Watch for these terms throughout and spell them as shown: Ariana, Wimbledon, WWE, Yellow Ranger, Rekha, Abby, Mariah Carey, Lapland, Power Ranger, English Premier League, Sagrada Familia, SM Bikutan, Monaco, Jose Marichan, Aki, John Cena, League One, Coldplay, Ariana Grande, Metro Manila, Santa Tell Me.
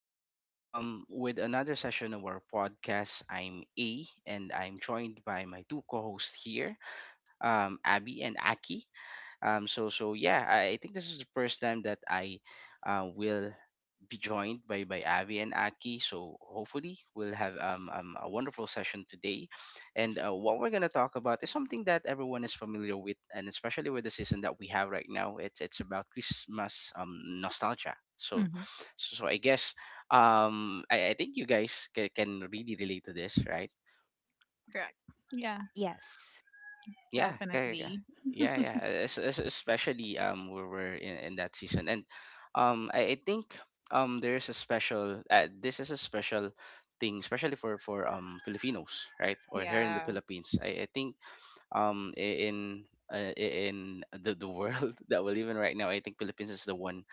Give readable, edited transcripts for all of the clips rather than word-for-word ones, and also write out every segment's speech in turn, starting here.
Again, with another session of our podcast. I'm A, and I'm joined by my two co-hosts here, Abby and Aki. So yeah, I think this is the first time that I will be joined by Avi and Aki. So hopefully we'll have a wonderful session today, and what we're gonna talk about is something that everyone is familiar with, and especially with the season that we have right now. It's about Christmas nostalgia. So Mhm. so, so I guess, I think you guys can really relate to this, right? Correct. Yeah, Yes. Yeah, kaya, definitely. yeah, yeah. Especially, we were in that season, and I think there is a special this is a special thing, especially for Filipinos, right? Or here in the Yeah. Philippines, I think in the world that we live in right now, I think Philippines is the one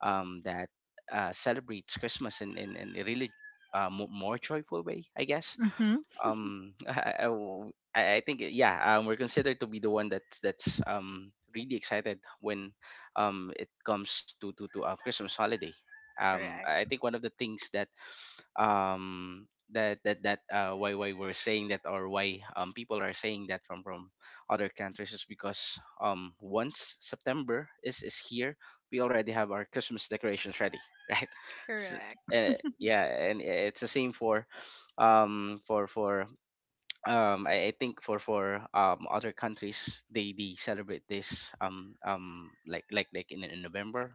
that celebrates Christmas in a really more joyful way, I guess. Mhm. I think, yeah, we're considered to be the one that's really excited when it comes to Christmas holiday. Correct. I think one of the things that um why we're saying that, or why people are saying that from other countries, is because once September is here we already have our Christmas decorations ready right? So, Correct. Yeah, and it's the same for, um for for I think, for other countries. They celebrate this like in November.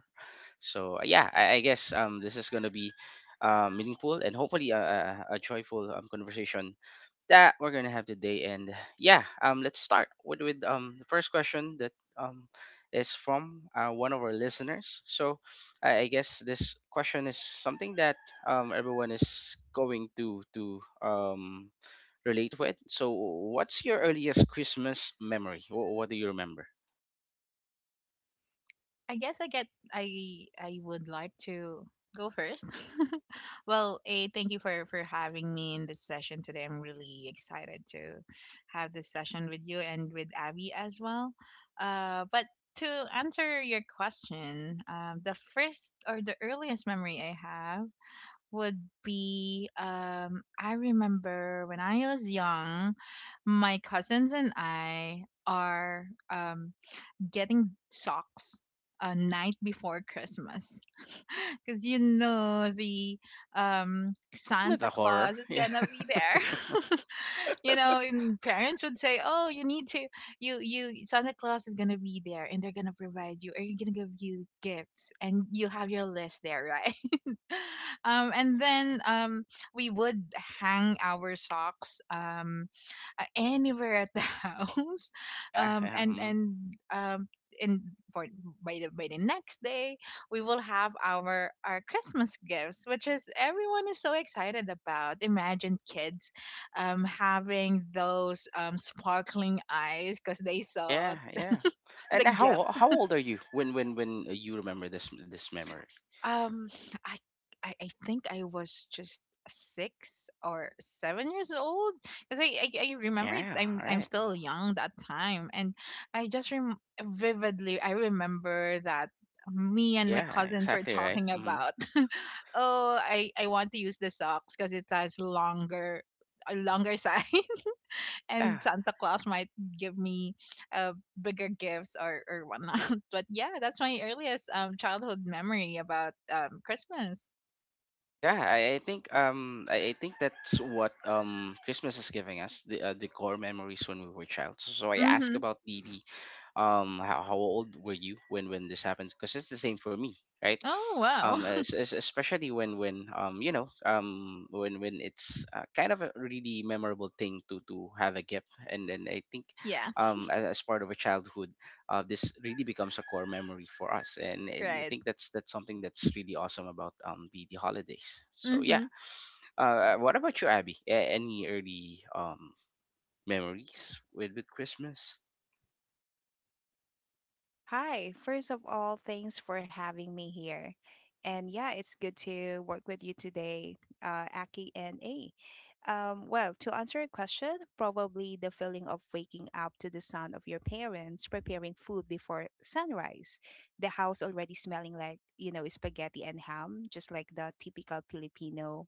So yeah, I guess this is gonna be meaningful, and hopefully a joyful, conversation that we're gonna have today. And yeah, let's start with the first question that is from one of our listeners. So, I guess this question is something that everyone is going to relate with. So, what's your earliest Christmas memory? What do you remember? I guess I get I would like to go first. Well, A, thank you for having me in this session today. I'm really excited to have this session with you and with Abby as well. But to answer your question, the first or the earliest memory I have would be I remember when I was young, my cousins and I are getting socks a night before Christmas because you know the Isn't it Santa a horror? Claus is gonna be there. You know, and parents would say, "Oh, you need to you Santa Claus is gonna be there, and they're gonna provide you, or you're gonna give you gifts, and you have your list there, right?" And then we would hang our socks anywhere at the house, Yeah, um, yeah, yeah, and mm, and um, and for by the next day we will have our Christmas gifts, which is everyone is so excited about. Imagine kids having those sparkling eyes because they saw yeah, yeah. the And gift. how old are you when you remember this memory? Um, I, I think I was just 6 or 7 years old because I remember it. Yeah, I'm all I'm right. still young that time, and I just vividly I remember that me and my Yeah, cousins were exactly right. talking Hmm. about oh I want to use the socks because it has longer a longer size Yeah, and Santa Claus might give me uh, bigger gifts, or whatnot. But yeah, that's my earliest childhood memory about Christmas. yeah. I think that's what Christmas is giving us the core memories when we were child. So I ask Mm-hmm. about the how old were you when this happens, because it's the same for me, right? Oh, wow. Especially when when it's kind of a really memorable thing to have a gift. And then I think, Yeah, as part of a childhood, this really becomes a core memory for us, and I right. think that's something that's really awesome about the holidays. So yeah, Mm-hmm. What about you, Abby? Any early memories with Christmas? Hi. First of all, thanks for having me here. And yeah, it's good to work with you today, Aki and A. Well, to answer your question, probably the feeling of waking up to the sound of your parents preparing food before sunrise. The house already smelling like, you know, spaghetti and ham, just like the typical Filipino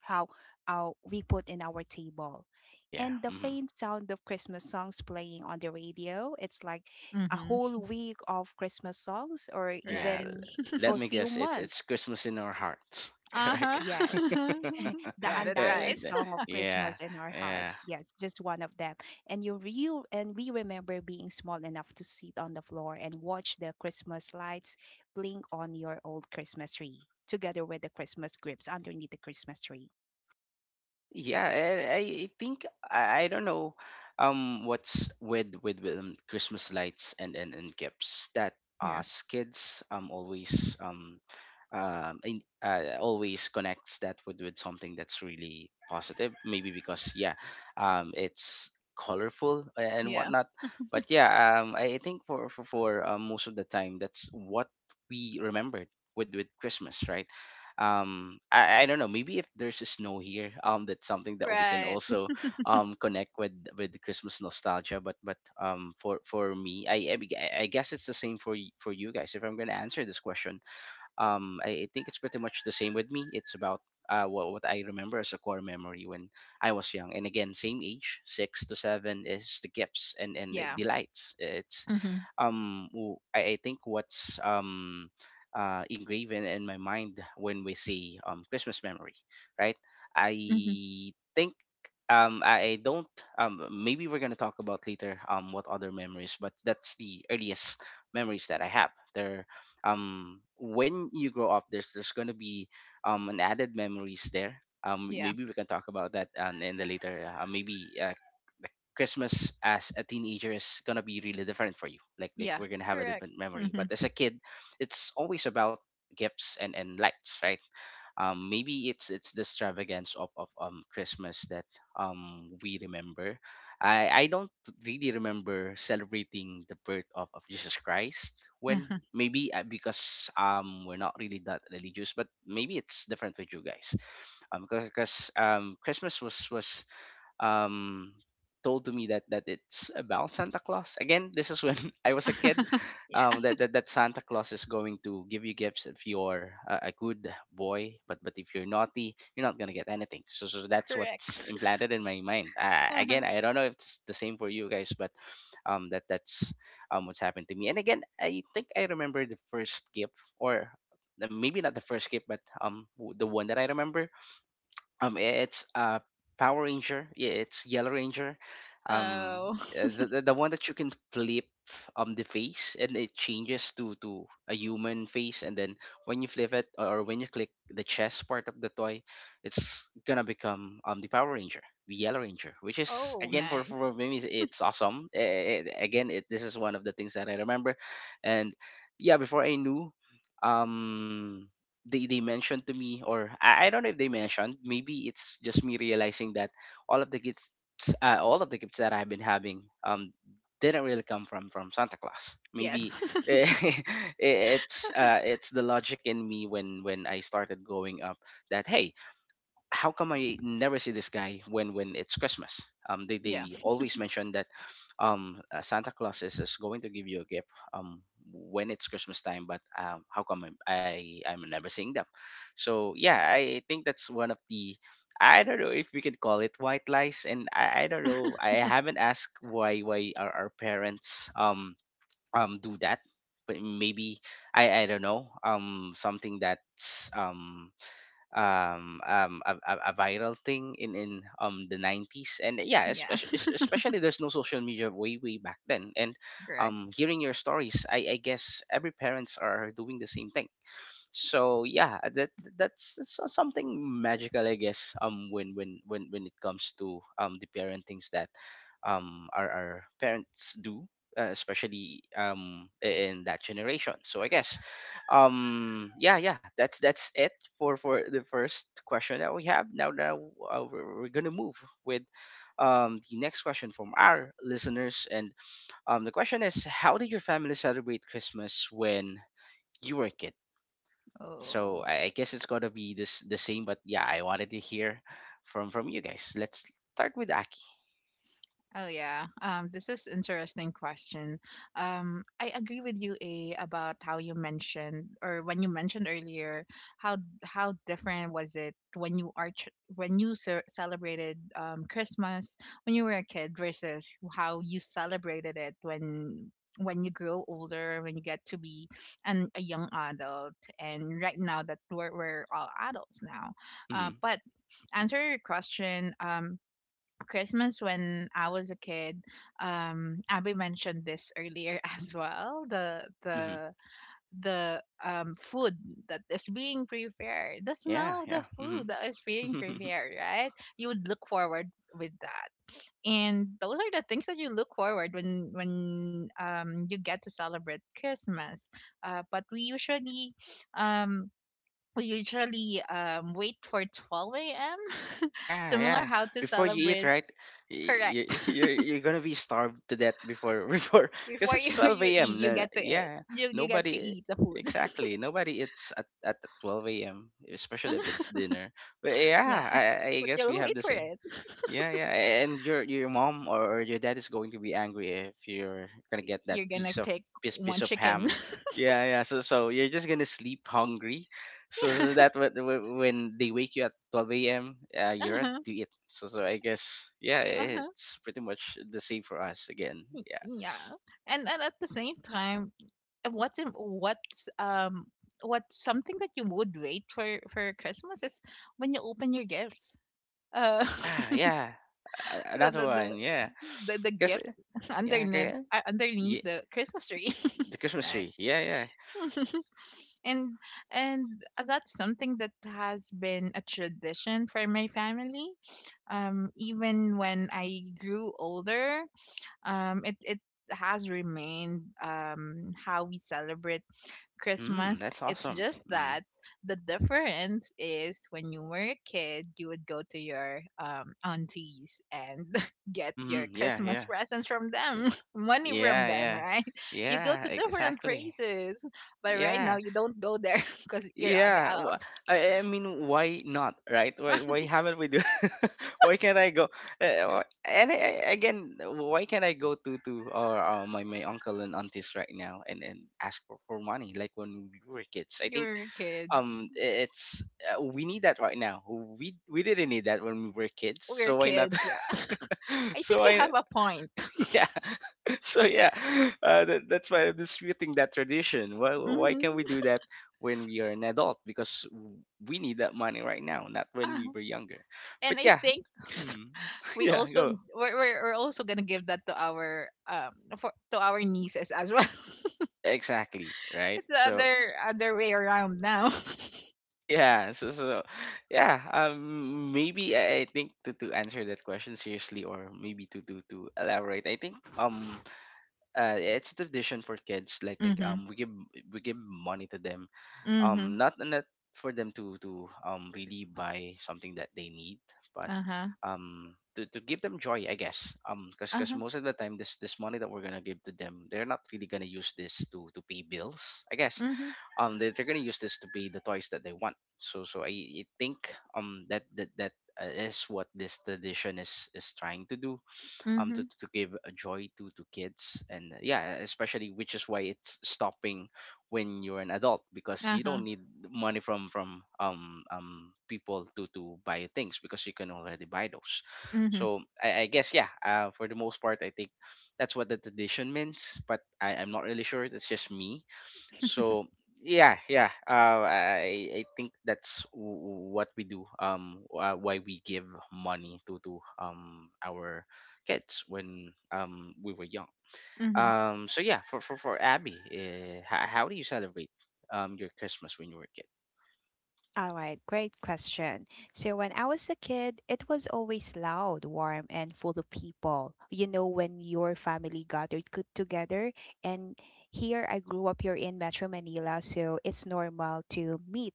how we put in our table. Yeah. And the Mm-hmm. faint sound of Christmas songs playing on the radio, it's like a Mm-hmm. whole week of Christmas songs, or Yeah, Right. Even let for a me few guess. It's months. Christmas in our hearts, correct? Yes, Uh-huh. the Got it undying right. And, song of yeah, Christmas in our yeah. hearts. Yes, just one of them. And you real and we remember being small enough to sit on the floor and watch the Christmas lights blink on your old Christmas tree, together with the Christmas grips underneath the Christmas tree. Yeah, I don't know what's with Christmas lights, and, and gifts, that Yeah. us kids always always connects that with something that's really positive, maybe because, yeah, it's colorful and Yeah. whatnot. But yeah, I think for most of the time that's what we remembered with Christmas, right? I don't know, maybe if there's a snow here, that's something that we can Right. also connect with the Christmas nostalgia. But for me, I guess it's the same for for you guys, if I'm gonna answer this question. I think it's pretty much the same with me. It's about what I remember as a core memory when I was young. And again, same age, six to seven, is the gifts and the Yeah. delights. It's, Mm-hmm. I think what's engraved in my mind when we say, Christmas memory, right? I Mm-hmm. think I don't. Maybe we're gonna talk about later what other memories, but that's the earliest memories that I have. They're... When you grow up, there's going to be an added memories there. Yeah. Maybe we can talk about that, and in the later, maybe, uh, the Christmas as a teenager is going to be really different for you, like Yeah. we're going to have a Correct. different memory. Mm-hmm. But as a kid, it's always about gifts and lights, right? Maybe it's the extravagance of Christmas that we remember. I don't to really remember celebrating the birth of Jesus Christ, when, maybe, because we're not really that religious, but maybe it's different with you guys. Because Christmas was um, told to me that it's about Santa Claus. Again, this is when I was a kid. Mm-hmm. Um, Yeah. that, that that Santa Claus is going to give you gifts if you're a good boy, but if you're naughty, you're not gonna get anything. So that's what's Correct. implanted in my mind. Uh-huh. Again, I don't know if it's the same for you guys, but, that's what's happened to me. And again, I think I remember the first gift. Maybe not the first gift, but the one that I remember, it's Power Ranger. Yeah, it's Yellow Ranger. Um, Oh. the one that you can flip, the face, and it changes to a human face, and then when you flip it, or when you click the chest part of the toy, it's gonna become the Power Ranger, the Yellow Ranger, which is, Oh, again, for nice. Me, it's awesome. Again, this is one of the things that I remember. And yeah, before I knew, um they mentioned to me, or I don't know if they mentioned. Maybe it's just me realizing that all of the gifts all of the gifts that I've been having didn't really come from Santa Claus, Yes. maybe. It's the logic in me, when I started growing up, that, hey, how come I never see this guy when it's Christmas? They Yeah. they always mention that, Santa Claus is going to give you a gift um when it's Christmas time, but how come I'm never seeing them? So yeah, I think that's one of the — I don't know if we can call it white lies, and I don't know. I haven't asked why our parents do that, but maybe I don't know. Something that's a viral thing in the 90s, and yeah, Yeah. especially especially there's no social media way back then, and, Correct. Hearing your stories, I guess every parents are doing the same thing. So yeah, that's something magical, I guess, when it comes to the parentings that our parents do, especially, in that generation. So I guess, yeah, yeah, that's it for the first question that we have. Now, we're gonna move with the next question from our listeners, and the question is: how did your family celebrate Christmas when you were a kid? So Oh. I guess it's gonna be this the same. But yeah, I wanted to hear from you guys. Let's start with Aki. Oh yeah. This is interesting question. I agree with you, A, about how you mentioned, or when you mentioned earlier, how how different was it when when celebrated Christmas when you were a kid versus how you celebrated it when you grow older, when you get to be an a young adult, and right now that we're all adults now. Mm-hmm. But answer your question, Christmas when I was a kid, Abby mentioned this earlier as well. The Mm-hmm. the the um food that is being prepared, the Yeah, smell of the yeah. food that is being Mm-hmm. prepared, right? You would look forward with that. And those are the things that you look forward when when you get to celebrate Christmas. Uh, but we usually um we usually um, wait for 12 a.m. Yeah, Similar yeah. how to Before you eat, celebrate. right? You Correct. you're gonna be starved to death before before because Before you it's 12 you eat, a.m. you get to eat. Yeah, You get to nobody, eat the food. exactly, nobody eats at 12 a.m., especially if it's dinner. But yeah, Yeah, I but guess we you'll have wait the for same. it. Yeah, yeah, and your mom or your dad is going to be angry if you're gonna get that You're gonna piece of pick piece one piece of chicken. ham. Yeah, yeah. So you're just gonna sleep hungry. So, Yeah. so that when they wake you at 12 a.m., you're ready Uh-huh. to eat. So I guess, yeah, Uh-huh. it's pretty much the same for us again. Yeah, Yeah. And at the same time, what's in, what's what's something that you would wait for Christmas is when you open your gifts. Uh yeah, yeah. The Another the the, one. Yeah, the because gift yeah, 'kay, yeah. underneath the Christmas tree. The Christmas tree. Right. Yeah, yeah. and and that's something that has been a tradition for my family. Even when I grew older, it has remained how we celebrate Mm, Christmas. that's It's awesome. just Mm, that the difference is when you were a kid, you would go to your aunties and get your mm, yeah, Christmas yeah. presents from them, money from Yeah, them, yeah. right? You go Yeah, to different exactly. places, but right now Yeah. you don't go there because you're Yeah. adult, I mean, why not, right? Why haven't we do Why can't I go uh, wh- and I, again, why can't I go to or my uncle and aunties right now and ask for money like when we were kids? I think you're a kid. um i- it's we need that right now. We didn't need that when we were kids, We're so why not? kids, yeah. I think so you I have a point. yeah. So yeah, that's why I'm disputing that tradition. Why can we hmm do that when we are an adult? We need that money right now, not when we Ah, were younger. and But I yeah, think hmm, we yeah, also go we're also gonna give that to our for to our nieces as well. exactly right. It's the So other other way around now. yeah, yeah, maybe I think to answer that question seriously, or maybe to elaborate, I think it's a tradition for kids. Mhm. We give money to them Mhm. not for them to really buy something that they need, but Uh-huh. To give them joy I guess, because Uh-huh. most of the time this money that we're gonna give to them, they're not really gonna use this to pay bills I guess. Mhm. They're gonna use this to pay the toys that they want, so so I think that that that is what this tradition is trying to do, Mhm. to give a joy to kids. And yeah, especially which is why it's stopping when you're an adult, because you Uh-huh. don't need money from people to buy things because you can already buy those. Mhm. So I guess yeah, for the most part I think that's what the tradition means, but I'm not really sure, that's just me. So yeah, yeah. I think that's what we do. Why we give money to our kids when we were young. Mhm. So yeah, for Abby, how do you celebrate your Christmas when you were a kid? All right, great question. So, when I was a kid, it was always loud, warm, and full of people. You know, when your family gathered together, and here I grew up here in Metro Manila, so it's normal to meet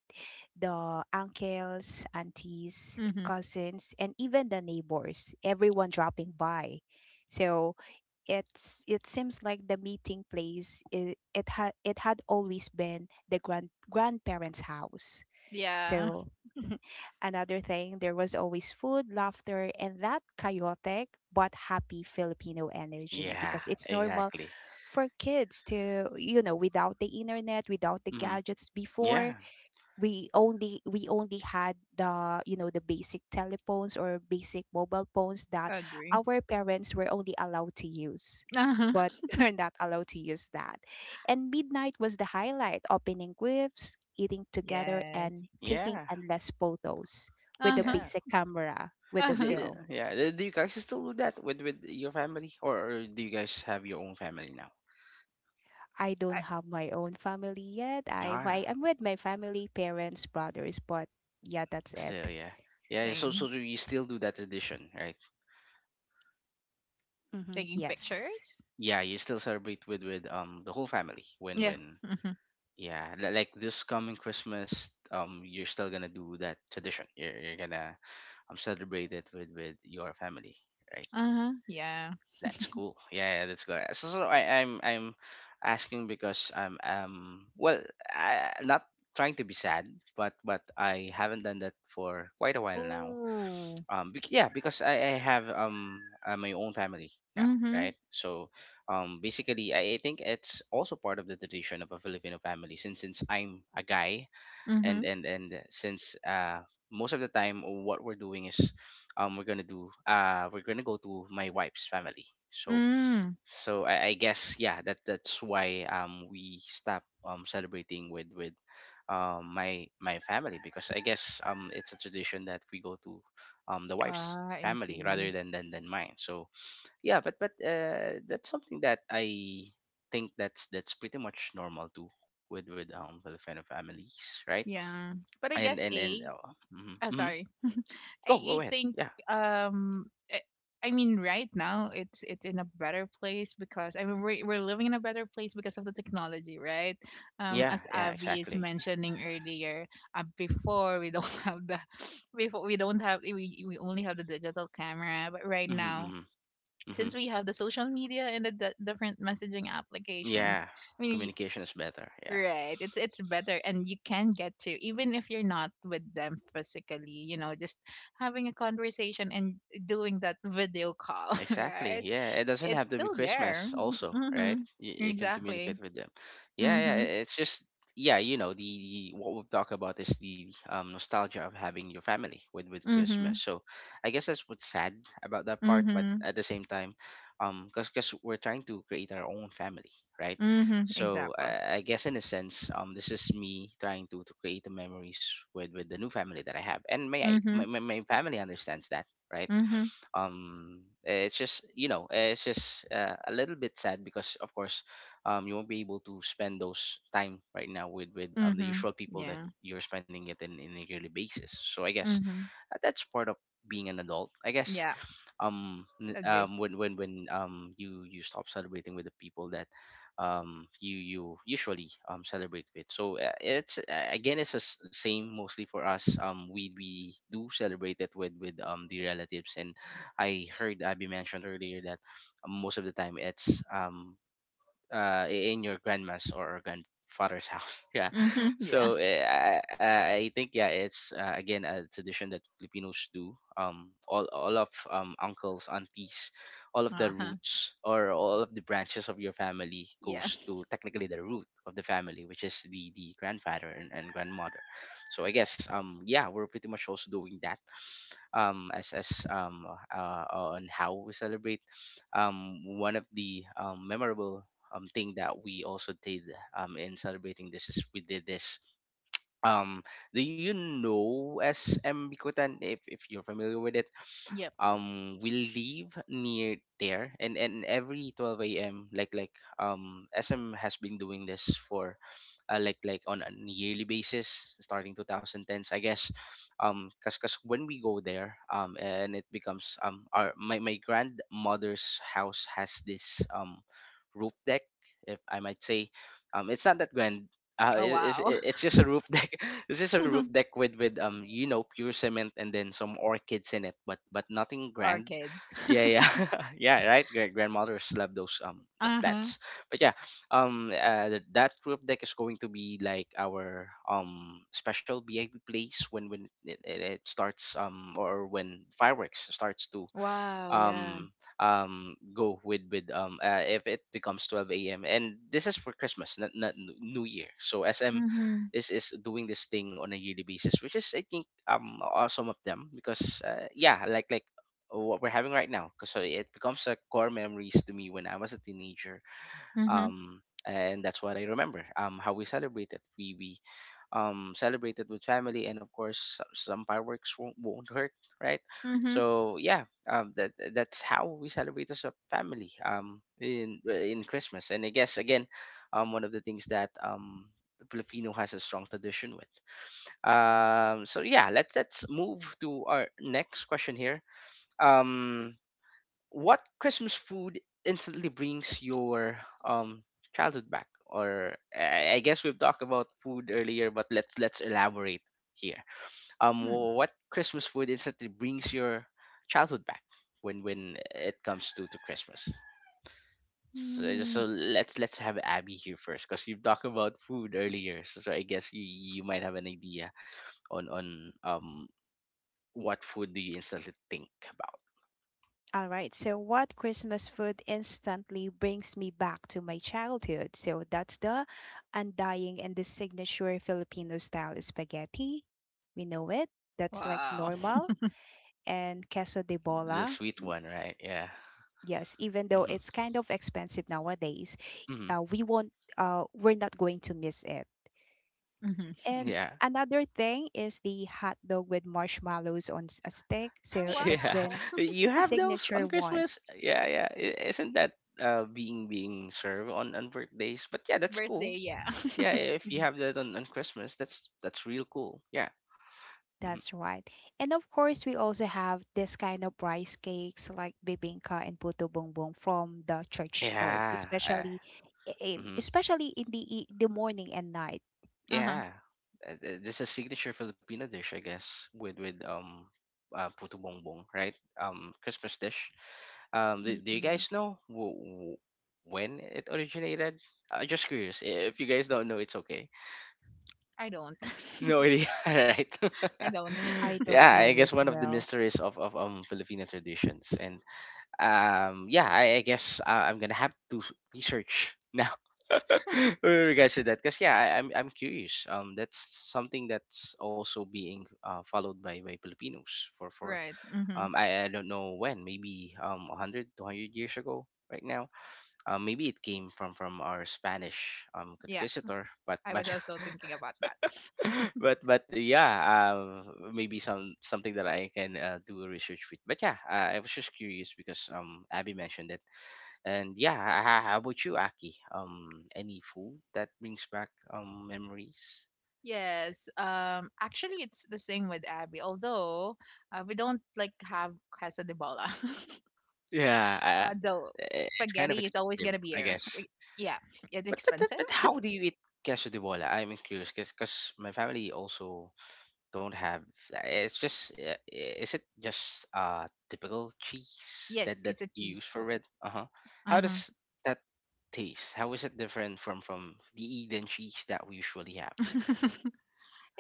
the uncles, aunties, Mhm. cousins, and even the neighbors, everyone dropping by. So it seems like the meeting place, it had always been the grand grandparents' house. Yeah. So another thing, there was always food, laughter, and that chaotic but happy Filipino energy, Yeah, because it's normal exactly. for kids to, you know, without the internet, without the Hmm. gadgets before, Yeah, we only had, the you know, the basic telephones or basic mobile phones that Agree. our parents were only allowed to use, Uh-huh. but we're not allowed to use that. And midnight was the highlight: opening gifts, eating together, and Yes. taking yeah, endless photos with the Uh-huh. yeah. basic camera with the Uh-huh. film. Yeah, do you guys still do that with your family, or do you guys have your own family now? I I, don't have my own family yet. Ah, I'm with my family, parents, brothers, but yeah, that's it. still, yeah, yeah. Yeah, so, so same. do you still do that tradition, right? Hmm. Taking Yes. pictures? Yeah, you still celebrate with the whole family Yeah. when Mhm. yeah, like this coming Christmas, you're still gonna do that tradition. You're gonna celebrate it with your family, right? Uh-huh. Yeah. That's cool. Yeah, yeah, that's good. So, so I'm asking because I'm um, well, not trying to be sad, but I haven't done that for quite a while now. Oh. Yeah, because I have my own family now, right? Mhm. So basically I think it's also part of the tradition of a Filipino family, since I'm a guy, Mhm. And since most of the time what we're doing is we're gonna do we're gonna go to my wife's family. So Mm. so I guess yeah, that's why we stop celebrating with my family, because I guess it's a tradition that we go to the wife's Ah, I family rather see. Than mine. So yeah, but that's something that I think that's pretty much normal too, with Filipino families, right? Yeah. But and I and guess and a oh, mhm, oh mhm. sorry. I, Go ahead. I Yeah, think um I, I mean right now it's in a better place, because I mean we're living in a better place because of the technology, right? yeah, As yeah. Abby Exactly. is mentioning earlier, before we don't have the before we don't have we only have the digital camera, but Mm-hmm, right mm-hmm, now mm-hmm. since we have the social media and the different messaging Yeah, applications, I mean communication is better. Yeah. right. It's better and you can get to, even if you're not with them physically, you know, just having a conversation and doing that video call, Exactly. right? Yeah, it doesn't It's have to be still there. Christmas also, right? Mhm. You can Exactly. communicate with them. Yeah, yeah, Mhm. It's just yeah, you know, the what we've talked about is the, nostalgia of having your family with Christmas. Mhm. So, I guess that's what's sad about that part, but Mhm. at the same time, um, cuz we're trying to create our own family, right? Mhm. So, Exactly. I guess in a sense, um, this is me trying to create the memories with the new family that I have. And my Mhm. My family understands that, right? Mhm. Um, it's just you know it's just a little bit sad, because of course you won't be able to spend those time right now with the Mhm. usual people that Yeah. you're spending it in a yearly basis. So I guess, Mhm. That's part of being an adult, I guess. Yeah. Agree. When you you stop celebrating with the people that, you you usually, celebrate with. So it's again it's the same mostly for us. We do celebrate it with the relatives, and I heard Abby mentioned earlier that, most of the time it's, uh, in your grandma's or grandfather's house. Yeah. Mhm. Yeah. So eh, I, I think yeah, it's again a tradition that Filipinos do. All of uncles, aunties, all of the Uh-huh. roots or all of the branches of your family Yeah. goes to technically the root of the family, which is the grandfather and grandmother. So I guess yeah, we're pretty much also doing that, as on how we celebrate. Um, one of the memorable thing that we also did in celebrating this is we did this. Um, do you know SM Bikutan? If you're familiar with it, Yep. We live near there, and every 12 a.m. SM has been doing this for on a yearly basis, starting 2010s I guess. Um, because when we go there um, and it becomes our my grandmother's house has this roof deck, if I might say. Um, it's not that grand. Oh wow. It's just a roof deck, it's just a roof deck with you know, pure cement and then some orchids in it, but nothing Our grand. kids. Yeah yeah yeah right. Grandmothers love those the Uh-huh. plants. But yeah, um, that group deck is going to be like our special VIP place when it, it starts, um, or when fireworks starts to Wow, yeah. um go with if it becomes 12 a.m. And this is for Christmas, not New Year. So SM Mhm. Is doing this thing on a yearly basis, which is I think awesome of them, because yeah, what we're having right now, because it becomes a core memories to me when I was a teenager, Mhm. um, and that's what I remember. How we celebrated, we, celebrated with family, and of course, some fireworks won't hurt, right? Mhm. So yeah, that that's how we celebrate as a family in Christmas. And I guess again, one of the things that the Filipino has a strong tradition with. So yeah, let's move to our next question here. Um, what Christmas food instantly brings your um childhood back? Or I guess we've talked about food earlier, but let's elaborate here. Hmm. What Christmas food instantly brings your childhood back when it comes to Christmas? So, Mm. Let's have Abby here first, because you've talked about food earlier. So, so I guess you might have an idea on what food do you instantly think about? All right. So, what Christmas food instantly brings me back to my childhood? So, that's the undying and the signature Filipino style spaghetti. We know it. That's like Wow. normal. And queso de The bola. sweet M- one, right? Yeah. Yes, even though Mm-hmm. it's kind of expensive nowadays, Mm-hmm. We're not going to miss it. Mhm. And Yeah. another thing is the hot dog with marshmallows on a stick. Oh, So, it has Yeah. been wow. You have those signature on one. Christmas? Yeah, yeah. Isn't that being being served on birthdays? But yeah, that's Birthday, cool. yeah. Yeah, if you Mm-hmm. have that on Christmas, that's real cool. Yeah. Mhm. That's right. And of course, we also have this kind of rice cakes like bibingka and puto bongbong from the church stalls, Yeah. especially hmm. especially in the the morning and night. Uh-huh. Yeah. This is signature Filipino dish, I guess, with puto bongbong, right? Christmas dish. Do you Mm-mm. guys know w- when it originated? Just curious. If you guys don't know, it's okay. I don't. No idea, right? I don't. I don't Yeah, I know as guess one of the well. mysteries of Filipino traditions, and yeah I guess I'm gonna have to research now with regards to that, because yeah I'm curious that's something that's also being followed by filipinos for Right. Mhm. I don't know when maybe 100 200 years ago right now. Um, maybe it came from our spanish Yeah. conquistador, I but was also thinking about that. But yeah, maybe some something that I can do a research with. But yeah, I was just curious because Abby mentioned it, and yeah, how about you, Aki? Any food that brings back memories? Yes. Actually, it's the same with Abby. Although we don't like have casa de bola. Yeah, Though it's kind of spaghetti is always expensive, gonna be I here. Guess. Yeah. It's But but expensive. but how do you eat queso de bola? I'm curious because my family also don't have. It's just is it just typical cheese Yes. that It's a you use cheese. for it? Uh-huh. How Mhm. does that taste? How is it different from the Eden cheese that we usually have? I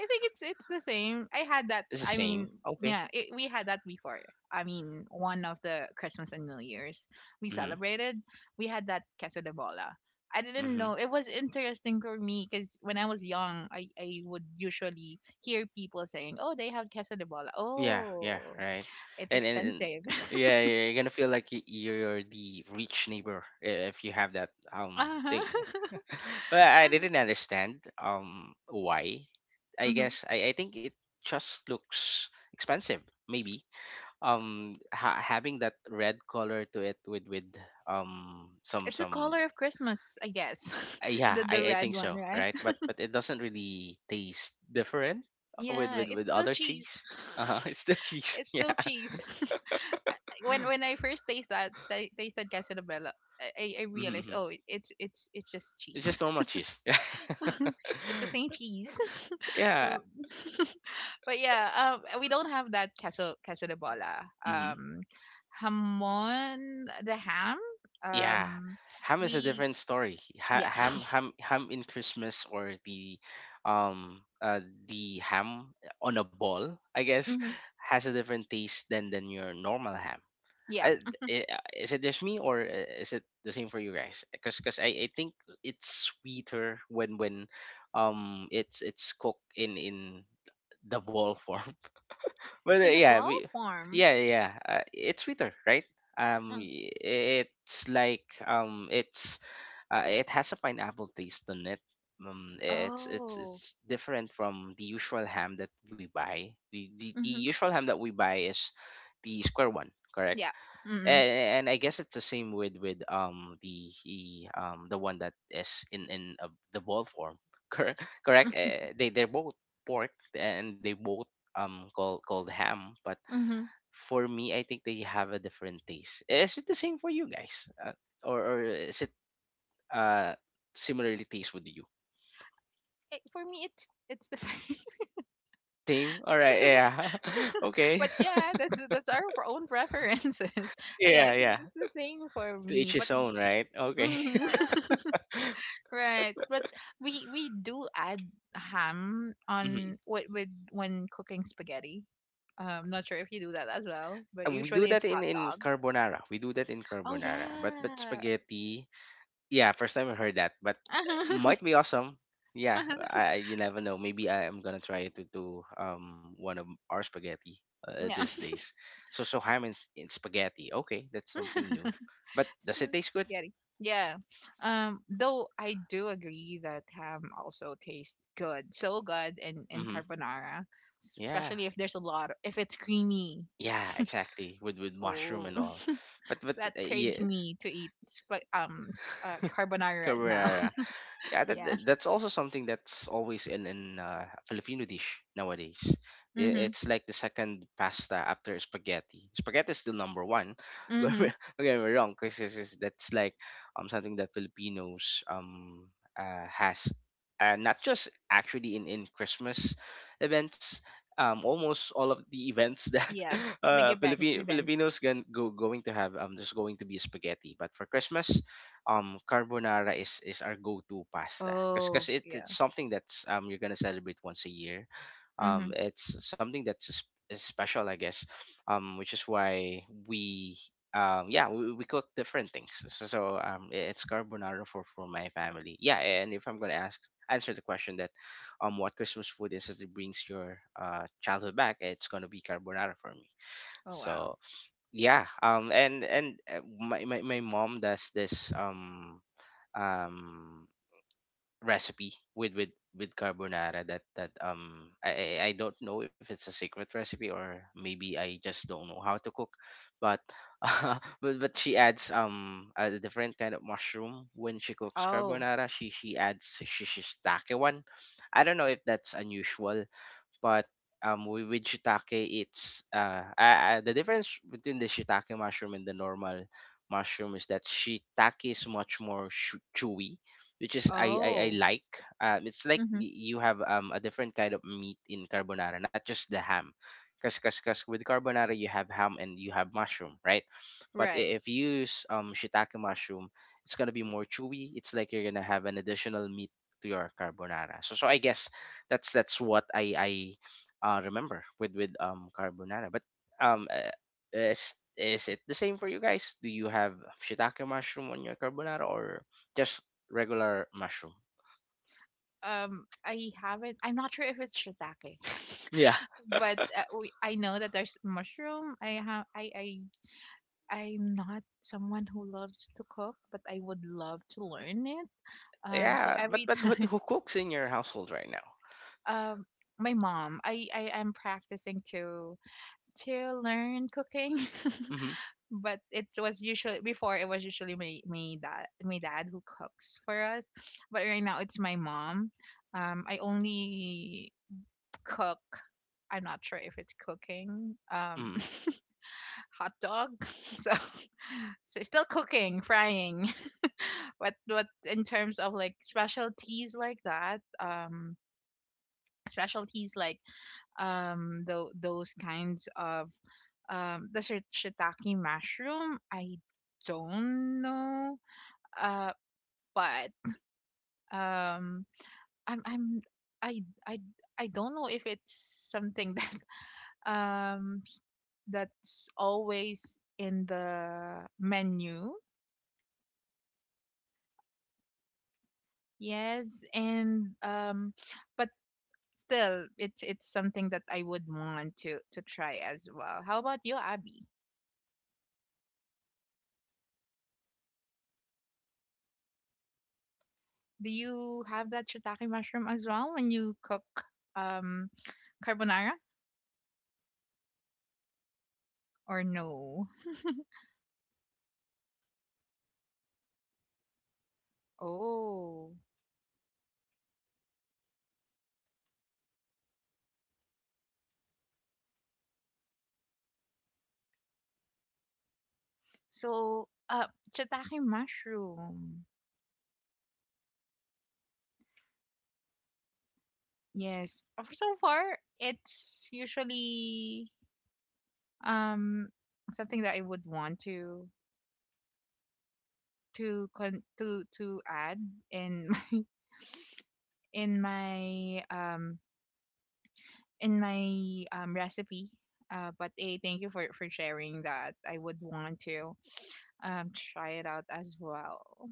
think it's the same. I had that. It's the I same, mean, okay. yeah, it, we had that before. I mean, one of the Christmas and New Year's we Mm-hmm. celebrated, we had that queso de bola. I didn't Mm-hmm. know. It was interesting for me because when I was young, I would usually hear people saying, "Oh, they have queso de bola. Yeah, yeah, Oh, right. it's And expensive." yeah, you're gonna feel like you're the rich neighbor if you have that thing. Uh-huh. Well, I didn't understand why. I hmm guess I think it just looks expensive. Maybe having that red color to it with It's a some color of Christmas, I guess. Yeah, The I red think one, so, right? right? But it doesn't really taste different with Yeah, with it's with still other cheese. cheese. Uh-huh. It's the cheese. It's Yeah. still cheese. uh, when I first tasted Casanova, I realized Hmm. oh it's just It's cheese. just normal cheese. It's the same cheese. Yeah, Um, but yeah, we don't have that caso de bola. yeah. Hamon the ham. Yeah, Um, ham is a we different story. Yeah. Ham in Christmas, or um, uh, the ham on a ball, I guess, hmm has a different taste than your normal ham. yeah, I, is it just me, or is it the same for you guys? Because I think it's sweeter when it's cooked in the ball form. But in the ball form. yeah, yeah. It's Twitter, right? Um, It's like it's it has a pineapple taste on it. It's it's oh. it's different from the usual ham that we buy. The hmm usual ham that we buy is the square one, correct? Yeah. Mm-hmm. And I guess it's the same with the one that is in the ball form, correct? They they're both pork, and they both called ham, but Mm-hmm. for me, I think they have a different taste. Is it the same for you guys, or is it uh similarly taste with you? For me, it's the same. It's the same. All right. Yeah. Okay. But yeah, that's our own preferences. Yeah, Yeah. Yeah. it's the same for To each me. But his own, right? Okay. mhm. Right, but we do add ham Mhm. on with when cooking spaghetti. Not sure if you do that as well, but we do usually that it's in hot in dog. carbonara. We do that in Oh carbonara. But yeah. spaghetti, yeah, first time I heard that, but might be awesome. Yeah, I you never know. Maybe I am gonna try to do one of our spaghetti Yeah. these days. So ham in spaghetti. Okay, that's something new. But It's does it really taste good? spaghetti. Yeah. Though I do agree that ham also tastes good, so good in Mm-hmm. carbonara, Yeah, especially if there's a lot of, if it's creamy. yeah, exactly. With mushroom Oh, and all. But but that uh, craves yeah, me to eat carbonara right now. carbonara. Yeah, that, Yeah. That's also something that's always in Filipino dish nowadays. Mhm. It's like the second pasta after spaghetti. Spaghetti is still number one. Don't get me Mhm. don't get me wrong, because that's like something that Filipinos has, not just actually in Christmas events. Almost all of the events that Yeah. Big event event. Filipinos can go going to have, um, there's going to be spaghetti. But for Christmas, carbonara is our go-to pasta because Oh, because it, yeah. it's something that's you're gonna celebrate once a year. Um, Mhm. it's something that's is special, I guess, um, which is why we yeah, we cook different things. So it's carbonara for my family. Yeah, and if I'm gonna ask answer the question that what Christmas food is that brings your childhood back, it's gonna be carbonara for me. Oh wow. So yeah, um, and my mom does this um recipe with carbonara that I don't know if it's a secret recipe, or maybe I just don't know how to cook, but but she adds a different kind of mushroom when she cooks Oh. carbonara. She adds shish shiitake one. I don't know if that's unusual, but with shiitake, it's the difference between the shiitake mushroom and the normal mushroom is that shiitake is much more chewy, which is Oh. I like. Uh, it's like Mhm. You have a different kind of meat in carbonara, not just the ham. Because with carbonara you have ham and you have mushroom, right? But Right. If you use shiitake mushroom, it's gonna be more chewy. It's like you're gonna have an additional meat to your carbonara. So I guess that's what I remember with carbonara. But um, uh, is it the same for you guys? Do you have shiitake mushroom on your carbonara, or just regular mushroom? I haven't I'm not sure if it's shiitake. Yeah, But I know that there's mushroom. I have I I'm not someone who loves to cook, but I would love to learn it. So yeah. But every but but time who cooks in your household right now? um my mom, I am practicing to learn cooking. Mm-hmm. But it was usually before, it was usually my dad, who cooks for us. But right now it's my mom. I only cook. I'm not sure if it's cooking. Mm-hmm. Hot dog. So, so still cooking, frying. What in terms of like specialties like that? Specialties like those kinds of the shiitake mushroom. I don't know. Uh, but um, I'm I I I don't know if it's something that um that's always in the menu. Yes, and but still, it's something that I would want to try as well. How about you, Abby? Do you have that shiitake mushroom as well when you cook um carbonara or no? Oh, so shiitake mushroom. Yes. So far it's usually um something that I would want to to add in my in my um in my recipe. But hey, thank you for sharing that. I would want to try it out as well.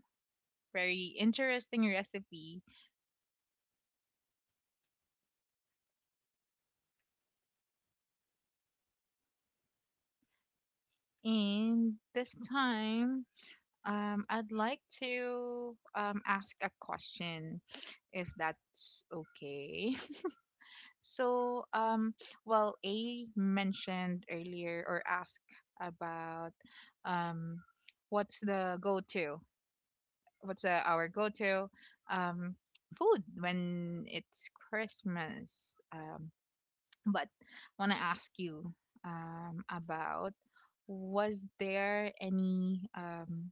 Very interesting recipe. And this time, I'd like to ask a question, if that's okay. So, well, A mentioned earlier or asked about um, what's the go-to? What's the, our go-to um, food when it's Christmas? But I want to ask you about was there any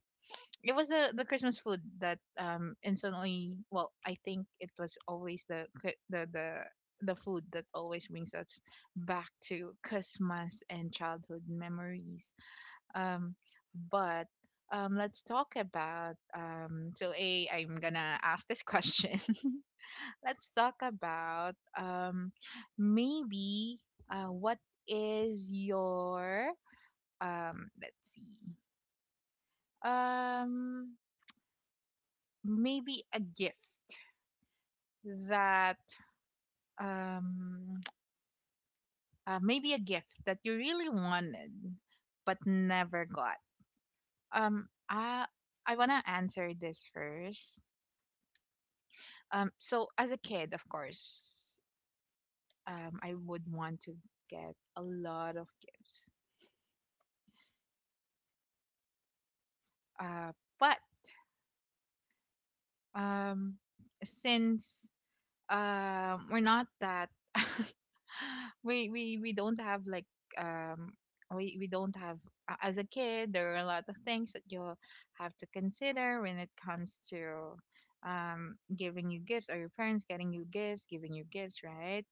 it was the Christmas food that instantly. Well, I think it was always the the food that always brings us back to Christmas and childhood memories. Um, but let's talk about. So a, I'm gonna ask this question. Let's talk about maybe what is your um? Let's see. Um, Maybe a gift that um, maybe a gift that you really wanted but never got? Um, I I wanna answer this first. So as a kid, of course, I would want to get a lot of gifts. Uh, but um, since we're not that we don't have like um we don't have as a kid there are a lot of things that you'll have to consider when it comes to giving you gifts or your parents getting you gifts giving you gifts, right?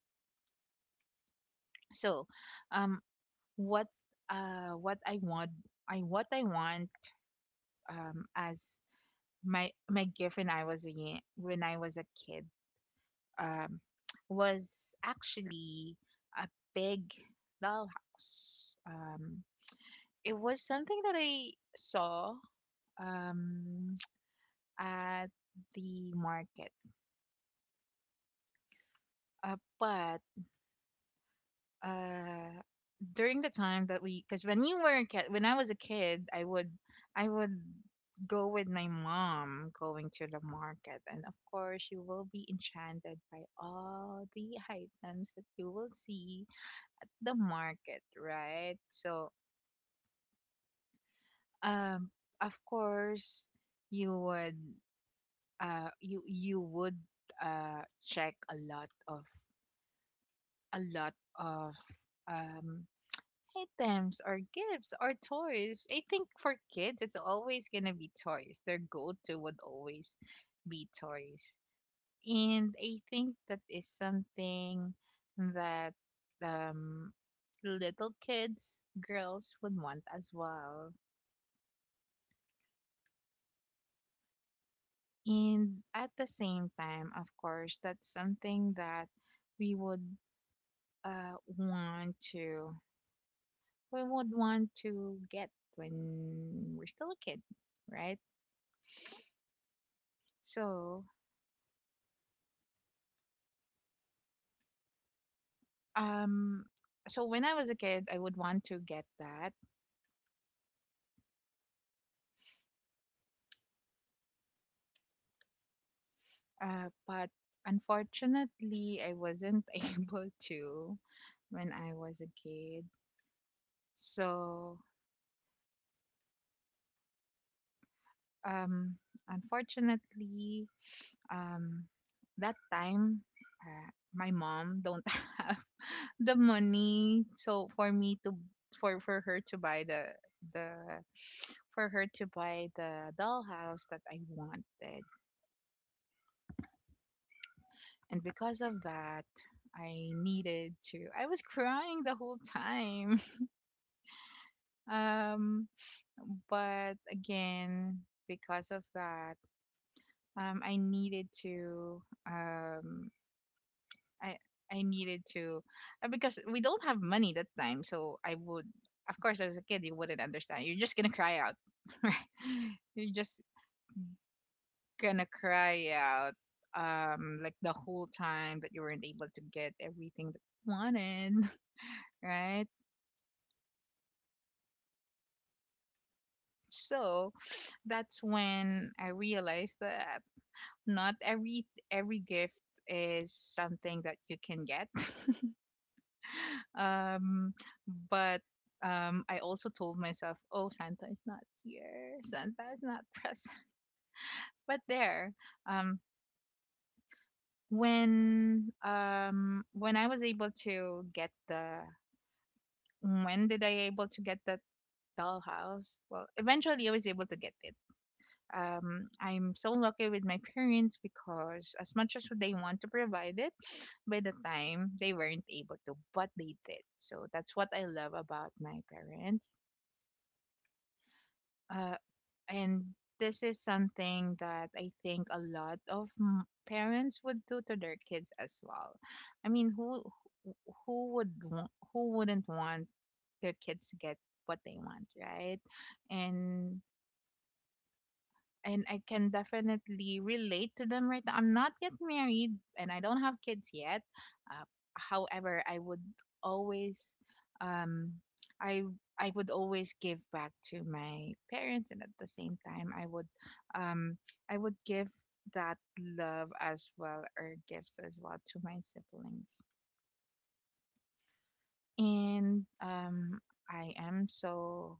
So, um what uh what i want what I want as my gift when I was a when I was a kid um, was actually a big dollhouse. It was something that I saw, um, at the market, but uh, during the time that because when you were a kid, when I was a kid, I would go with my mom going to the market, and of course you will be enchanted by all the items that you will see the market, right? So, um, of course, you would, you you would, check a lot of um items or gifts or toys. I think for kids, it's always gonna be toys. Their go-to would always be toys, and I think that is something that um little kids girls would want as well. And at the same time, of course, that's something that we would uh, want to we would want to get when we're still a kid, right? So, um, so when I was a kid, I would want to get that, but unfortunately, I wasn't able to when I was a kid. So, um, unfortunately, um, that time, my mom don't have the money, so for her to buy the for her to buy the dollhouse that I wanted, and because of that, I needed to. I was crying the whole time. Um, but again, because of that, um, I needed to um I I needed to, because we don't have money that time, so I would of course as a kid you wouldn't understand. You're just gonna cry out. Right? You're just gonna cry out like the whole time that you weren't able to get everything that you wanted, right? So that's when I realized that not every every gift is something that you can get. Um, but I also told myself, oh, Santa is not here. Santa is not present. But there, um, when When I was able to get the when did I able to get the dollhouse? Well, eventually I was able to get it. I'm so lucky with my parents because as much as they want to provide it, by the time they weren't able to, but they did. So that's what I love about my parents, uh, and this is something that I think a lot of parents would do to their kids as well. I mean, who who would wa- who wouldn't want their kids to get what they want, right? And and I can definitely relate to them right now. I'm not yet married and I don't have kids yet. Uh, However, I would always um I I would always give back to my parents, and at the same time um I would give that love as well or gifts as well to my siblings. And I am so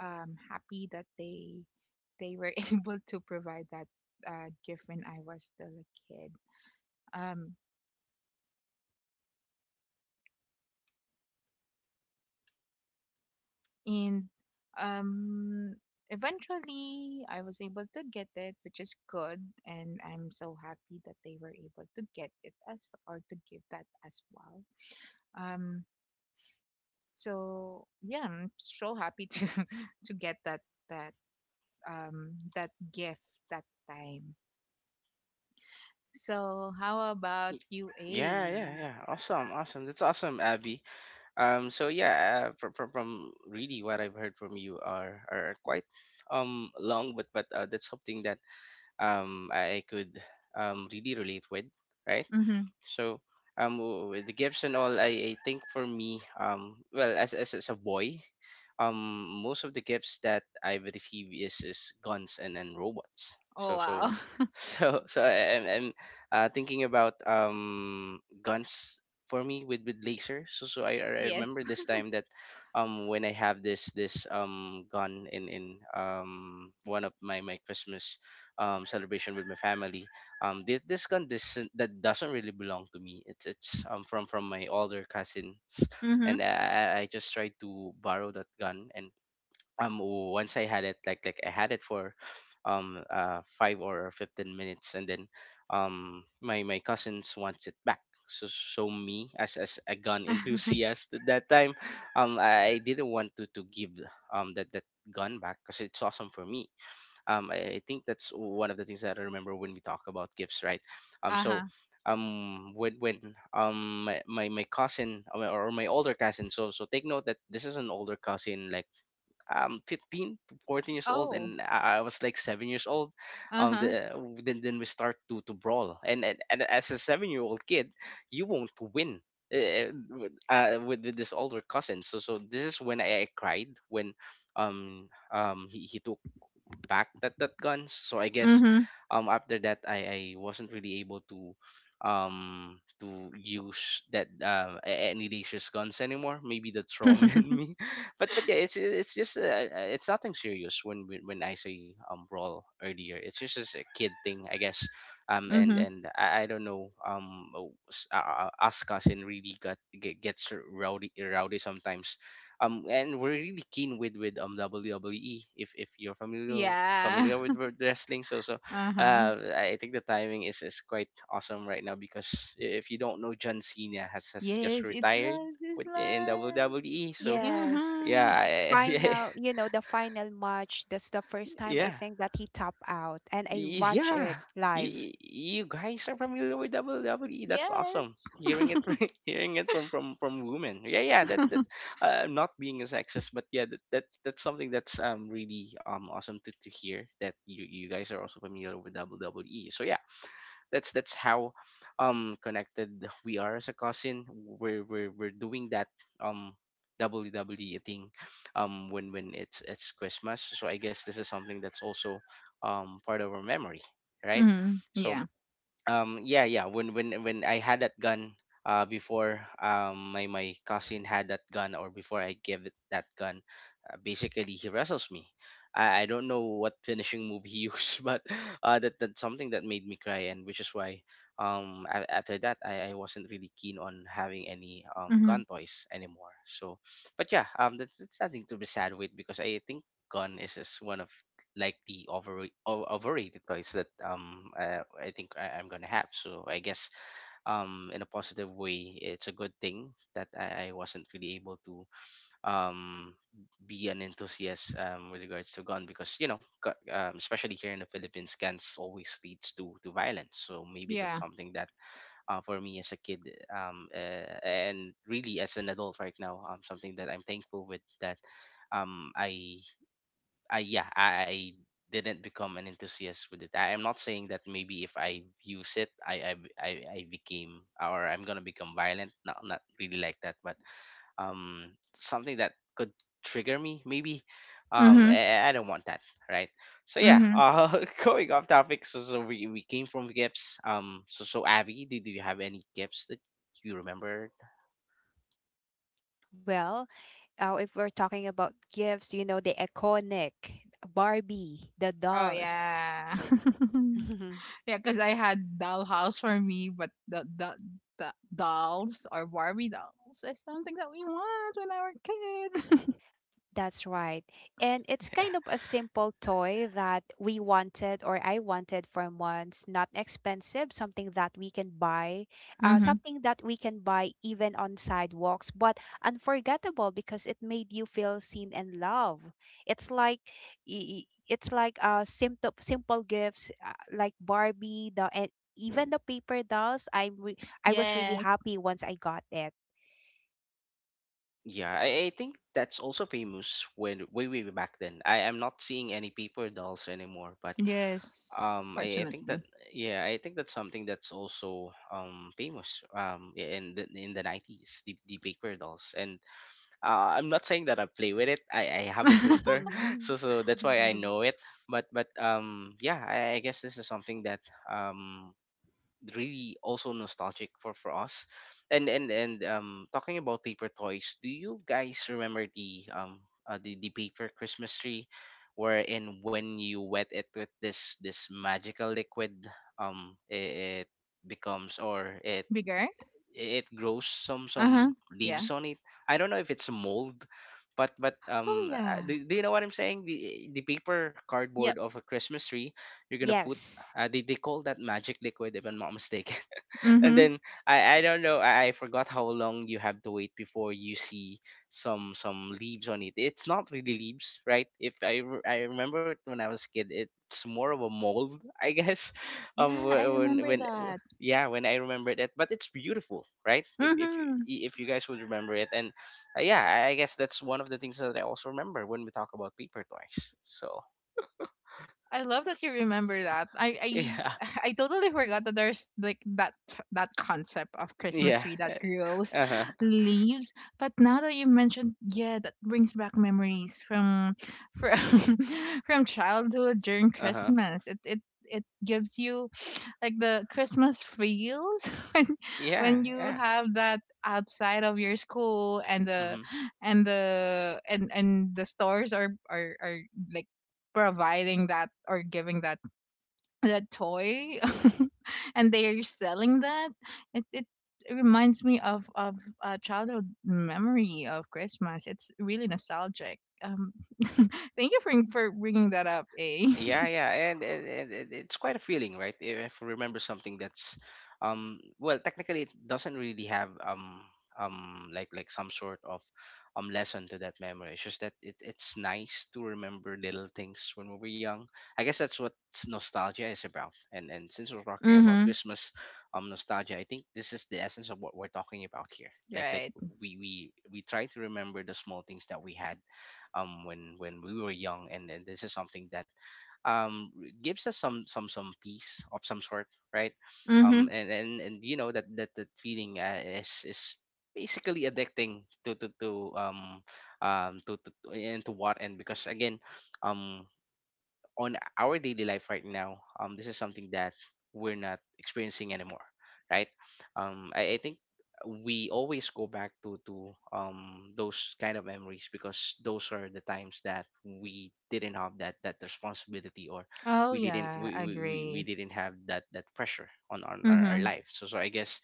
happy that they were able to provide that, gift when I was still a kid. Um, and um, Eventually, I was able to get it, which is good, and I'm so happy that they were able to get it as or to give that as well. Um, so yeah, I'm so happy to to get that that gift that time. So how about Y- you, Yeah, yeah, A? yeah. Awesome, awesome. That's awesome, Abby. So yeah, from really what I've heard from you are quite long, but that's something that I could really relate with, right? So with the gifts and all, I think for me well as a boy, most of the gifts that I've received is guns and robots. Oh, So so wow. I'm thinking about guns for me with laser. So so I Yes. remember this time that when I have this gun in one of my my Christmas celebration with my family. Um, this condition that doesn't really belong to me, it's from my older cousins. Mhm. And I just tried to borrow that gun, and once I had it, like I had it for 5 or 15 minutes, and then my cousins wants it back. So so me as a gun enthusiast at that time, I didn't want to give that that gun back because it's awesome for me. Um, I think that's one of the things that I remember when we talk about gifts, right? So Uh-huh. When my cousin or my older cousin, so so take note that this is an older cousin, like 15 to 14 years old, Oh. and I was like 7 years old. um Uh-huh. the, then we start to brawl, and as a 7 year old kid, you won't win with this older cousin. So so this is when I cried, when he took back that that gun. So I guess Mhm. After that, I wasn't really able to use that any dangerous guns anymore. Maybe the trauma in me. But yeah, it's just it's nothing serious when when I say brawl earlier. It's just a kid thing, I guess. Um, and mhm. and I don't know us cousin really gets rowdy sometimes. Um, and we're really keen with WWE, if you're familiar Yeah. familiar with wrestling. So so Uh-huh. uh, I think the timing is quite awesome right now, because if you don't know, John Cena has just Yes, it retired does. It's with in WWE. like So Yes. yeah, mhm. So yeah, final, you know, the final match, that's the first time I yeah, think that he topped out and I watch yeah. it live. You guys are familiar with WWE. That's Yes. awesome. Hearing it, hearing it from women. Yeah, yeah. That that not being a sexist, but yeah, that, that that's something that's really awesome to hear that you guys are also familiar with WWE. So yeah, that's how connected we are as a cousin. We're we're doing that um WWE thing when it's Christmas. So I guess this is something that's also part of our memory, right? Mhm. So Yeah. Yeah, yeah. When when I had that gun, before my cousin had that gun, or before I gave it that gun, basically he wrestles me. I don't know what finishing move he used, but that that's something that made me cry, and which is why after that, I wasn't really keen on having any Mhm. gun toys anymore. So, but yeah, that's nothing to be sad with, because I think gun is one of like the over overrated toys that I think I, I'm gonna have. So I guess in a positive way, it's a good thing that I wasn't really able to um be an enthusiast with regards to gun, because you know especially here in the Philippines, guns always leads to violence. So maybe that's Yeah. something that for me as a kid um, uh, and really as an adult right now, something that I'm thankful with that um, I I yeah, I didn't become an enthusiast with it. I am not saying that maybe if I use it, I became, or I'm gonna become violent. Not really like that, but um, something that could trigger me maybe. Um, Mhm. I, I don't want that, right? So yeah, Mhm. Going off topic. So we came from gifts. So Abby, do you have any gifts that you remember? Well, if we're talking about gifts, you know, the iconic Barbie, the Oh dolls. yeah. Yeah, because I had dollhouse for me, but the dolls or Barbie dolls is something that we want when I were a kid. That's right. And it's kind of a simple toy that we wanted, or I wanted for months, not expensive, something that we can buy, Mhm. something that we can buy even on sidewalks, but unforgettable because it made you feel seen and loved. It's like it's like simple simple gifts, like Barbie, the, and even the paper dolls. I was really Yes. happy once I got it. Yeah, I think that's also famous when way back then. I am not seeing any paper dolls anymore, but Yes, I think that fortunately. yeah, I think that's something that's also famous, yeah, in the nineties, the paper dolls. And I'm not saying that I play with it. I have a sister, so that's why I know it. But yeah, I guess this is something that really also nostalgic for us. And Talking about paper toys, do you guys remember the the paper Christmas tree, wherein when you wet it with this magical liquid, it becomes, or it Bigger? it grows some Uh-huh. Yeah. leaves on it? I don't know if it's mold, but but Oh um uh, yeah. do, do you know what I'm saying? The paper cardboard Yep. of a Christmas tree you're gonna put. Yes. They call that magic liquid, if I'm not mistaken. And Mm-hmm. then I don't know, I forgot how long you have to wait before you see some leaves on it. It's not really leaves, right? If I remember it when I was a kid, it's more of a mold, I guess. um Yeah, I wh- when remember when w- that. yeah, when I remember that, but it's beautiful, right? if if you- Mm-hmm. if you guys would remember it. And yeah, I guess that's one of the things that I also remember when we talk about paper toys, so I love that you remember that. I yeah, I I totally forgot that there's like that concept of Christmas yeah, tree that grows uh-huh, leaves. But now that you mentioned, yeah, that brings back memories from from from childhood during uh-huh, Christmas. It gives you like the Christmas feels when yeah, when you yeah, have that outside of your school, and the mhm. and the and the stores are are like providing that or giving that that toy, and they are selling that. It reminds me of a childhood memory of Christmas. It's really nostalgic. Thank you for bringing that up, eh. Yeah, yeah, and it's quite a feeling, right? If I remember something that's, well, technically it doesn't really have like some sort of lesson to that memory. It's just that it's nice to remember little things when we were young. I guess that's what nostalgia is about. And since we're talking about Mm-hmm. Christmas, nostalgia, I think this is the essence of what we're talking about here. Like like Right. we we we try to remember the small things that we had when we were young, and this is something that um gives us some peace of some sort, right? Mm-hmm. And You know that that feeling is basically addicting to- and to what, and because again um on our daily life right now, this is something that we're not experiencing anymore, right? I think we always go back to those kind of memories because those are the times that we didn't have that responsibility, or Oh yeah, I we agree. didn't have that pressure on our Mm-hmm. life. So I guess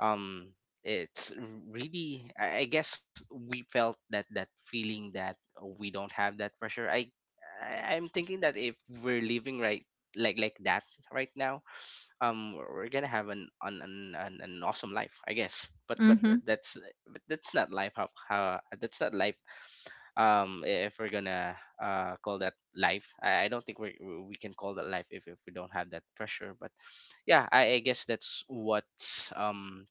um it's really, I guess we felt that feeling that we don't have that pressure. I'm thinking that if we're living right like that right now, we're gonna have an awesome life, I guess. Mm-hmm. that's but that's not life. How that's not life. If we're gonna call that life, I don't think we can call that life if we don't have that pressure. But yeah, I guess that's what's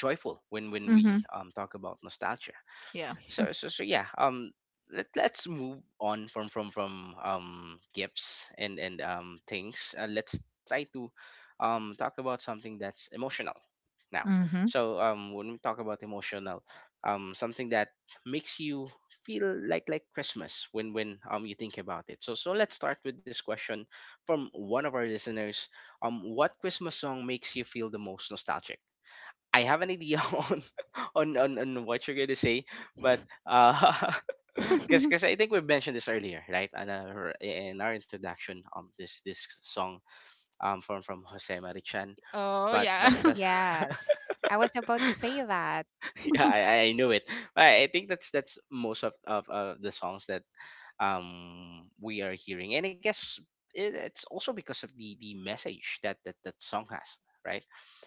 joyful when Mm-hmm. we talk about nostalgia. Yeah. So yeah, let's move on from gifts and things. Let's try to talk about something that's emotional now. Mm-hmm. So when we talk about emotional, something that makes you feel like Christmas when you think about it. So let's start with this question from one of our listeners. What Christmas song makes you feel the most nostalgic? I have an idea on on what you're gonna say, but because I think we mentioned this earlier, right? And in our introduction, this song from Jose Marichan, Oh but but yeah. but Yes, I was about to say that. yeah, I knew it. But I think that's most of the songs that we are hearing. And I guess it's also because of the message that that song has, right?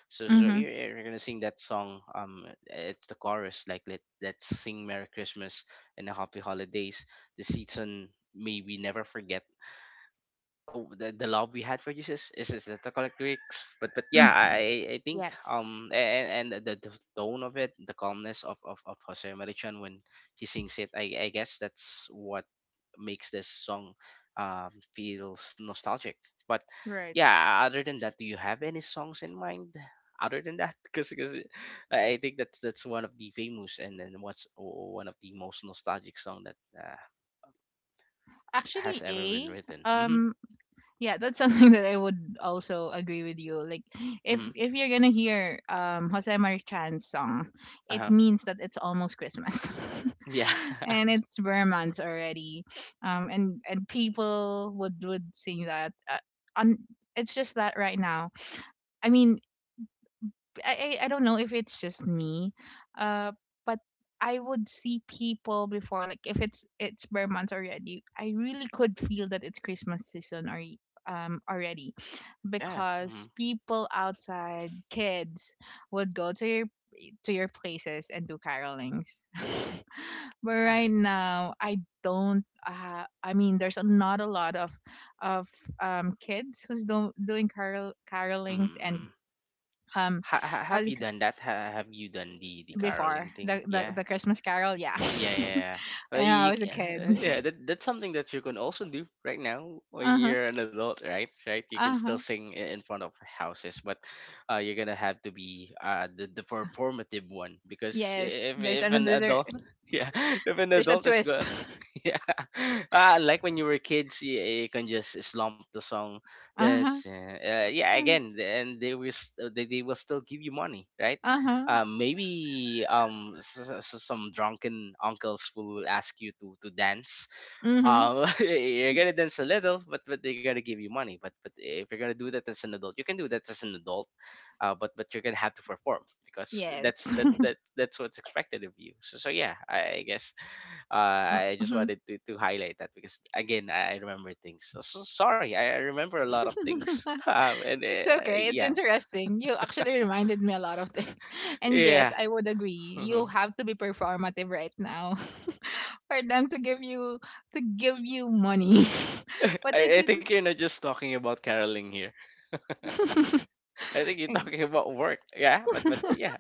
So, so Hmm. you're gonna sing that song. It's the chorus, like, let's sing Merry Christmas and a Happy Holidays. The season, may we never forget, oh, the love we had for Jesus, is the correct lyrics. But yeah, I think, Yes, and the tone of it, the calmness of Jose Marichon when he sings it, I guess that's what makes this song feels nostalgic. But Right. yeah, other than that, do you have any songs in mind? Other than that, because I think that's one of the famous, and then one of the most nostalgic song that has Actually, ever been A, written. Mm-hmm. um, yeah, that's something that I would also agree with you. Like, Mm-hmm. If you're gonna hear Jose Marichan's song, Uh it huh. means that it's almost Christmas, Yeah. and it's bare months already. And people would sing that. On It's just that right now. I mean, I don't know if it's just me, uh, but I would see people before, like if it's it's bare months already, I really could feel that it's Christmas season or already, Yeah. because Mm. people outside, kids, would go to your places and do carolings. But Yeah. right now, I don't. I mean, there's not a lot of of kids who's doing carolings, and Mm-mm. um uh, Have you done that? Have you done the before caroling thing? Yeah. the Christmas Carol. Yeah, Yeah, yeah, when yeah. Well, I was a kid. yeah, that's something that you can also do right now when Uh huh. you're an adult, right? Right? You can Uh still huh. sing in front of houses, but you're gonna have to be the performative one because Yes. There's if an another. adult, yeah, if an There's a adult is twist. go, yeah. Like when you were kids, you can just slump the song. Uh That's huh. Yeah. Again, and they will still give you money, right? Uh huh. Maybe some drunken uncles will ask you to dance. Mhm. You're gonna dance a little, but they're gonna give you money. But if you're gonna do that as an adult, you can do that as an adult. But you're gonna have to perform because Yes. that's that that that's what's expected of you. So yeah, I guess, I just Mhm. wanted to highlight that because again, I remember things. So sorry, I remember a lot of things. And It's okay. It's Yeah, interesting. You actually reminded me a lot of things. And yes, yeah. I would agree. You Mhm. have to be performative right now for them to give you money. But I think you're not just talking about caroling here. it's I think you're talking about work. Yeah, but yeah,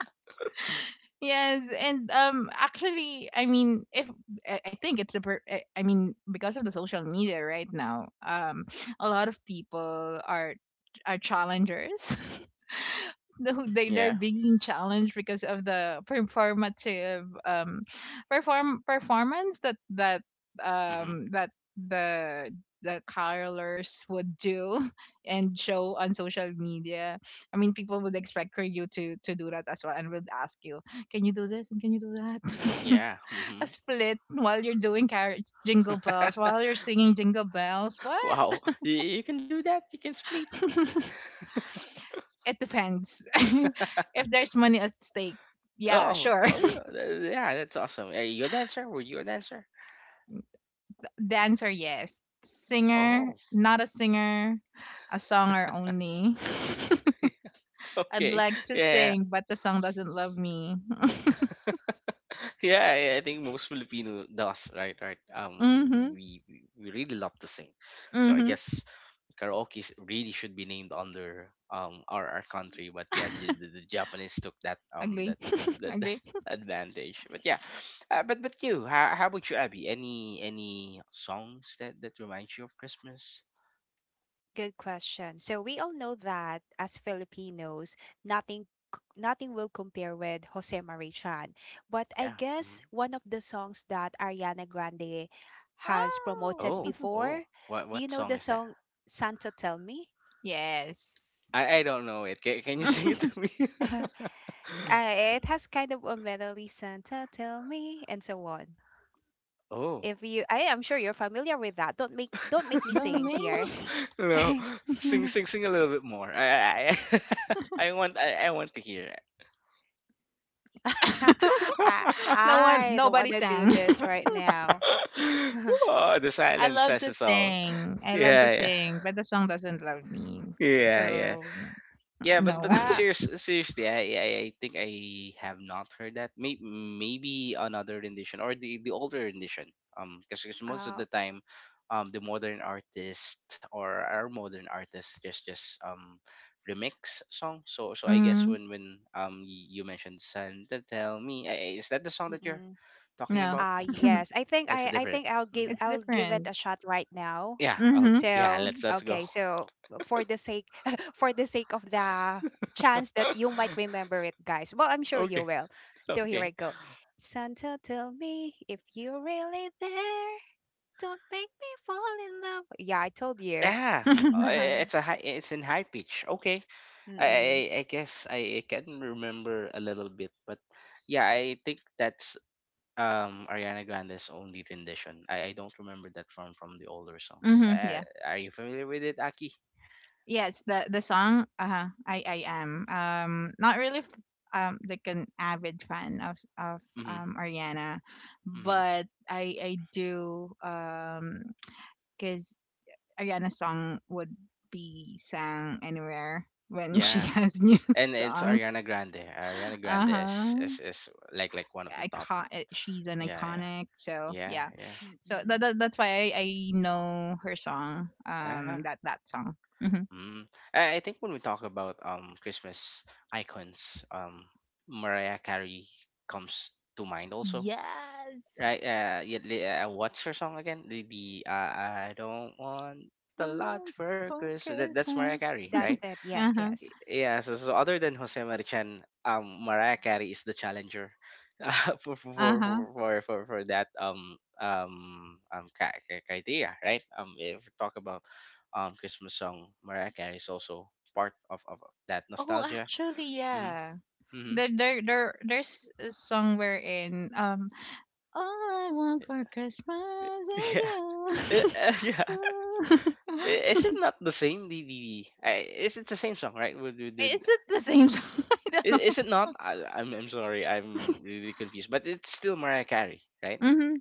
yes, and actually, I mean, if I I think it's a, I I mean, because of the social media right now, a lot of people are challengers. Who- they they're yeah, being challenged because of the performative performance that that hmm that the the carolers would do and show on social media. I mean, people would expect for you to do that as well, and would ask you, "Can you do this and can you do that?" yeah. A split while you're doing jingle bells, while you're singing jingle bells. What? Wow, you can do that. You can split. It depends. If there's money at stake, yeah, sure. Oh yeah, yeah. That's awesome. Are you a dancer? Were you a dancer? The answer yes. Oh, Singer, not a singer, a songer only. okay. I'd like to Yeah, sing, but the song doesn't love me. yeah, I think most Filipino does, right? Right. Um, Mm-hmm. we we we really love to sing, so I Mm-hmm. guess karaoke really should be named under our country. But yeah, the, the the Japanese took Ugly. That Ugly. advantage. But yeah, how about you, Abby? Any songs that reminds you of Christmas? good question. So we all know that as Filipinos, nothing nothing will compare with Jose Marichan. But I Yeah. Mhm. guess one of the songs that Ariana Grande has Wow. promoted Oh, before, do you what know song the is that? song Santa Tell Me? Yes. I don't know it. Can you sing it to me? Uh, it has kind of a melody, Santa tell me, and so on. Oh. If you, I am sure you're familiar with that. Don't make me Don't sing make here. You know, me. sing sing sing a little bit more. I, I I want to hear I it. No one, I don't nobody wanna do sang. this right now. Oh, the I silence love says to it all. sing. I love to Yeah, sing, but the song doesn't love me. yeah, yeah, yeah. So Yeah, no. Uh, seriously, I think I have not heard that. Maybe another rendition, or the older rendition. Because most of uh, the time, the modern artist, or our modern artists, just remix song. So I guess Mm, when you mentioned Santa Tell Me, is that the song that you're Mm-mm. talking no. about? Yes. It's I different. think I'll give It's hmm I'll give it different. a shot right now. Yeah. Oh, Mm-hmm. yeah. So, Let's go. okay. So, for the sake for the sake of the chance that you might remember it, guys. Well, I'm sure you Okay. will. So, here I Okay. go. Santa, tell me if you're really there. Don't make me fall in love. Yeah, I told you. Yeah, it's a it's in high pitch. Okay, I, Mm-mm. I, I guess I can remember a little bit, but yeah, I think that's Ariana Grande's only rendition. I don't remember that from the older songs. Mm-hmm. Yeah. Are you familiar with it, Aki? Yes, the song. Uh huh. I am. Not really. Like an avid fan of Mm-hmm. Ariana, Mm-hmm. but I do because Ariana's song would be sang anywhere when she Yeah, has new and it's songs. Ariana Grande. Ariana Uh Grande huh. is like one of the top. Icon. Eh, she's an Yeah, yeah, iconic. So yeah, yeah. yeah. So that, Mm-mm. that that's why I know her song. Uh-huh. That that song. Mm-hmm. Mm. I think when we talk about Christmas icons, Mariah Carey comes to mind also, Yes. right? Yeah, what's her song again? The I don't want a lot for Uh-huh. Christmas. That's Mariah Carey, right? That's it. Yes, yes. Yeah, so other than Jose Marichan, Mariah Carey is the challenger for, for, for, Uh-huh. for, for, for that criteria, right? If we talk about Christmas song, Mariah Carey is also part of that Oh, nostalgia. actually, Mm-hmm. yeah. Mm-hmm. There's a song wherein all I want for Christmas is Yeah. You. Yeah. Is it not the same? The is it the same song, right? Is it the same song? I don't know. Is it not? I'm sorry, I'm really confused. But it's still Mariah Carey, right? Hmm.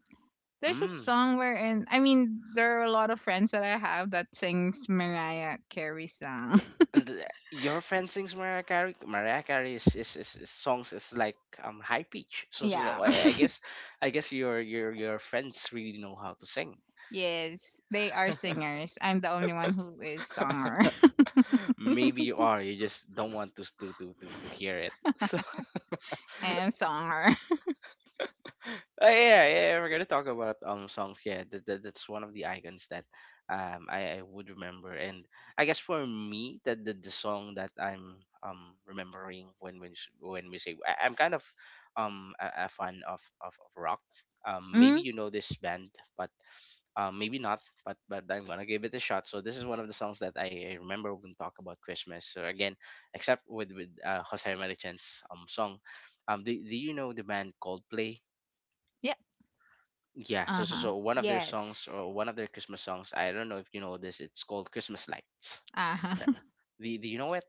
There's a Mm. song wherein I mean, there are a lot of friends that I have that sings Mariah Carey song. th- your friend sings Mariah Carey. Mariah Carey's is songs is like high pitch. So so, Yeah. so I, I guess your your friends really know how to sing. Yes, they are singers. I'm the only one who is songer Maybe you are. You just don't want to hear it. So and songer. Uh, yeah, yeah, yeah, we're gonna talk about songs. Yeah, that's one of the icons that I would remember, and I guess for me that the song that I'm remembering when we say I'm kind of a fan of, of rock. Maybe Mm, you know this band, but maybe not. But I'm gonna give it a shot. So this is one of the songs that I remember when talk about Christmas. So again, except with with Jose Marichan's song, do you know the band Coldplay? yep. Yeah, so so Uh-huh. so one of their songs Yes. or one of their Christmas songs, I don't know if you know this, it's called Christmas Lights. Right. Uh-huh. Do you know it?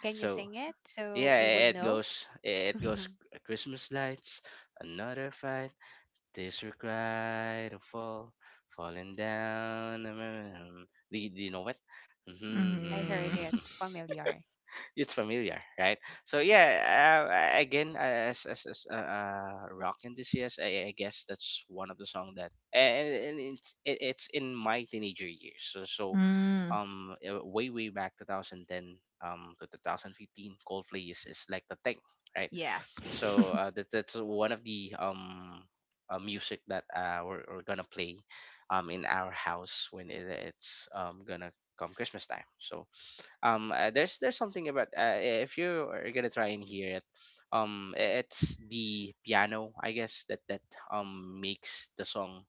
Can you So sing it yeah, so we i- would it know? goes it goes Christmas lights, another fight, tears were cried to fall, falling down. Do you know it? I Mm. heard it familiar. It's familiar, right? So yeah, as a rock enthusiast, I guess that's one of the song that, and it's in my teenager years. So, so Mm. Way way back 2010 to 2015, Coldplay is like the thing, right? Yes. So that that's one of the music that we're gonna play in our house when it's gonna come Christmas time. So there's something about if you are gonna try and hear it it's the piano I guess that makes the song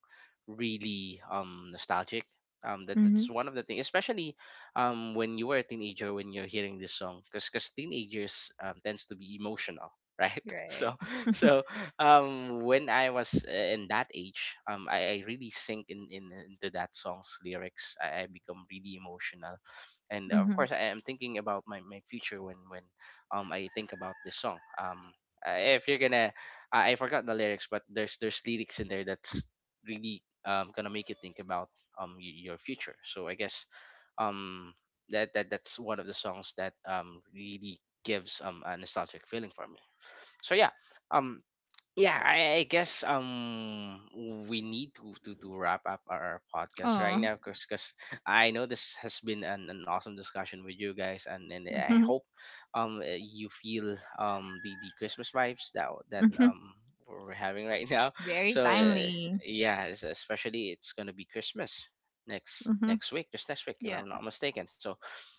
really nostalgic that's Mhm. one of the things, especially when you were a teenager, when you're hearing this song, because teenagers, tends to be emotional, right? Right. So so when I was, in that age, I really sink in, into that song's lyrics. I become really emotional, and of Mhm. course I am thinking about my, my future when when I think about this song. If you're gonna I forgot the lyrics, but there's lyrics in there that's really gonna make you think about your future. So I guess um that that's one of the songs that really gives a nostalgic feeling for me. So yeah. Um, yeah, I guess we need to, to wrap up our podcast right Oh. now, because I know this has been an awesome discussion with you guys, and I Mhm. hope you feel the Christmas vibes that Mhm. We're having right now. Very So timely. yeah, especially it's gonna be Christmas Mhm. next week, just next week, if Yeah. I'm not mistaken. So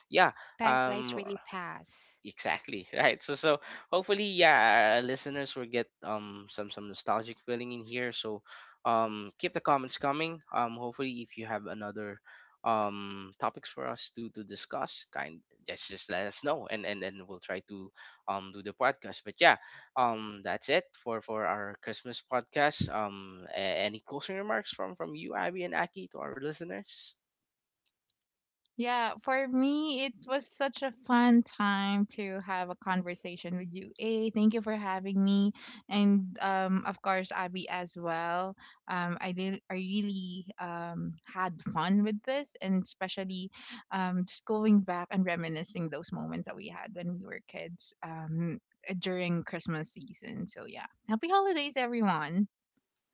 yeah, Time um flies really fast. exactly. Right, so so hopefully, yeah, our listeners will get some nostalgic feeling in here. So keep the comments coming. Um, hopefully if you have another topics for us to discuss kind, just let us know, and then we'll try to do the podcast. But yeah, that's it for our Christmas podcast. Um, any closing remarks from you, Abby and Aki, to our listeners? Yeah, for me, it was such a fun time to have a conversation with you. A, thank you for having me, and of course, Abby as well. I really had fun with this, and especially just going back and reminiscing those moments that we had when we were kids during Christmas season. So yeah, happy holidays, everyone.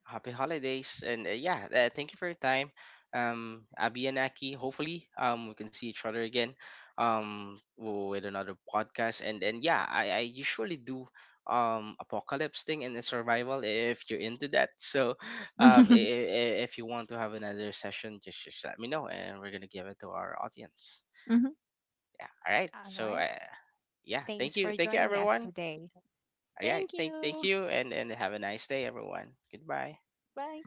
Happy holidays, and yeah, thank you for your time, Abby and Aki. Hopefully, we can see each other again, with another podcast. And yeah, I usually do apocalypse thing and then survival, if you're into that. So, if you want to have another session, just let me know, and we're gonna give it to our audience. Mhm. Yeah. All right. All So, right. Yeah, Thanks for thank you, joining us everyone. today. All right. Thank Thank you. you, and have a nice day, everyone. Goodbye. Bye.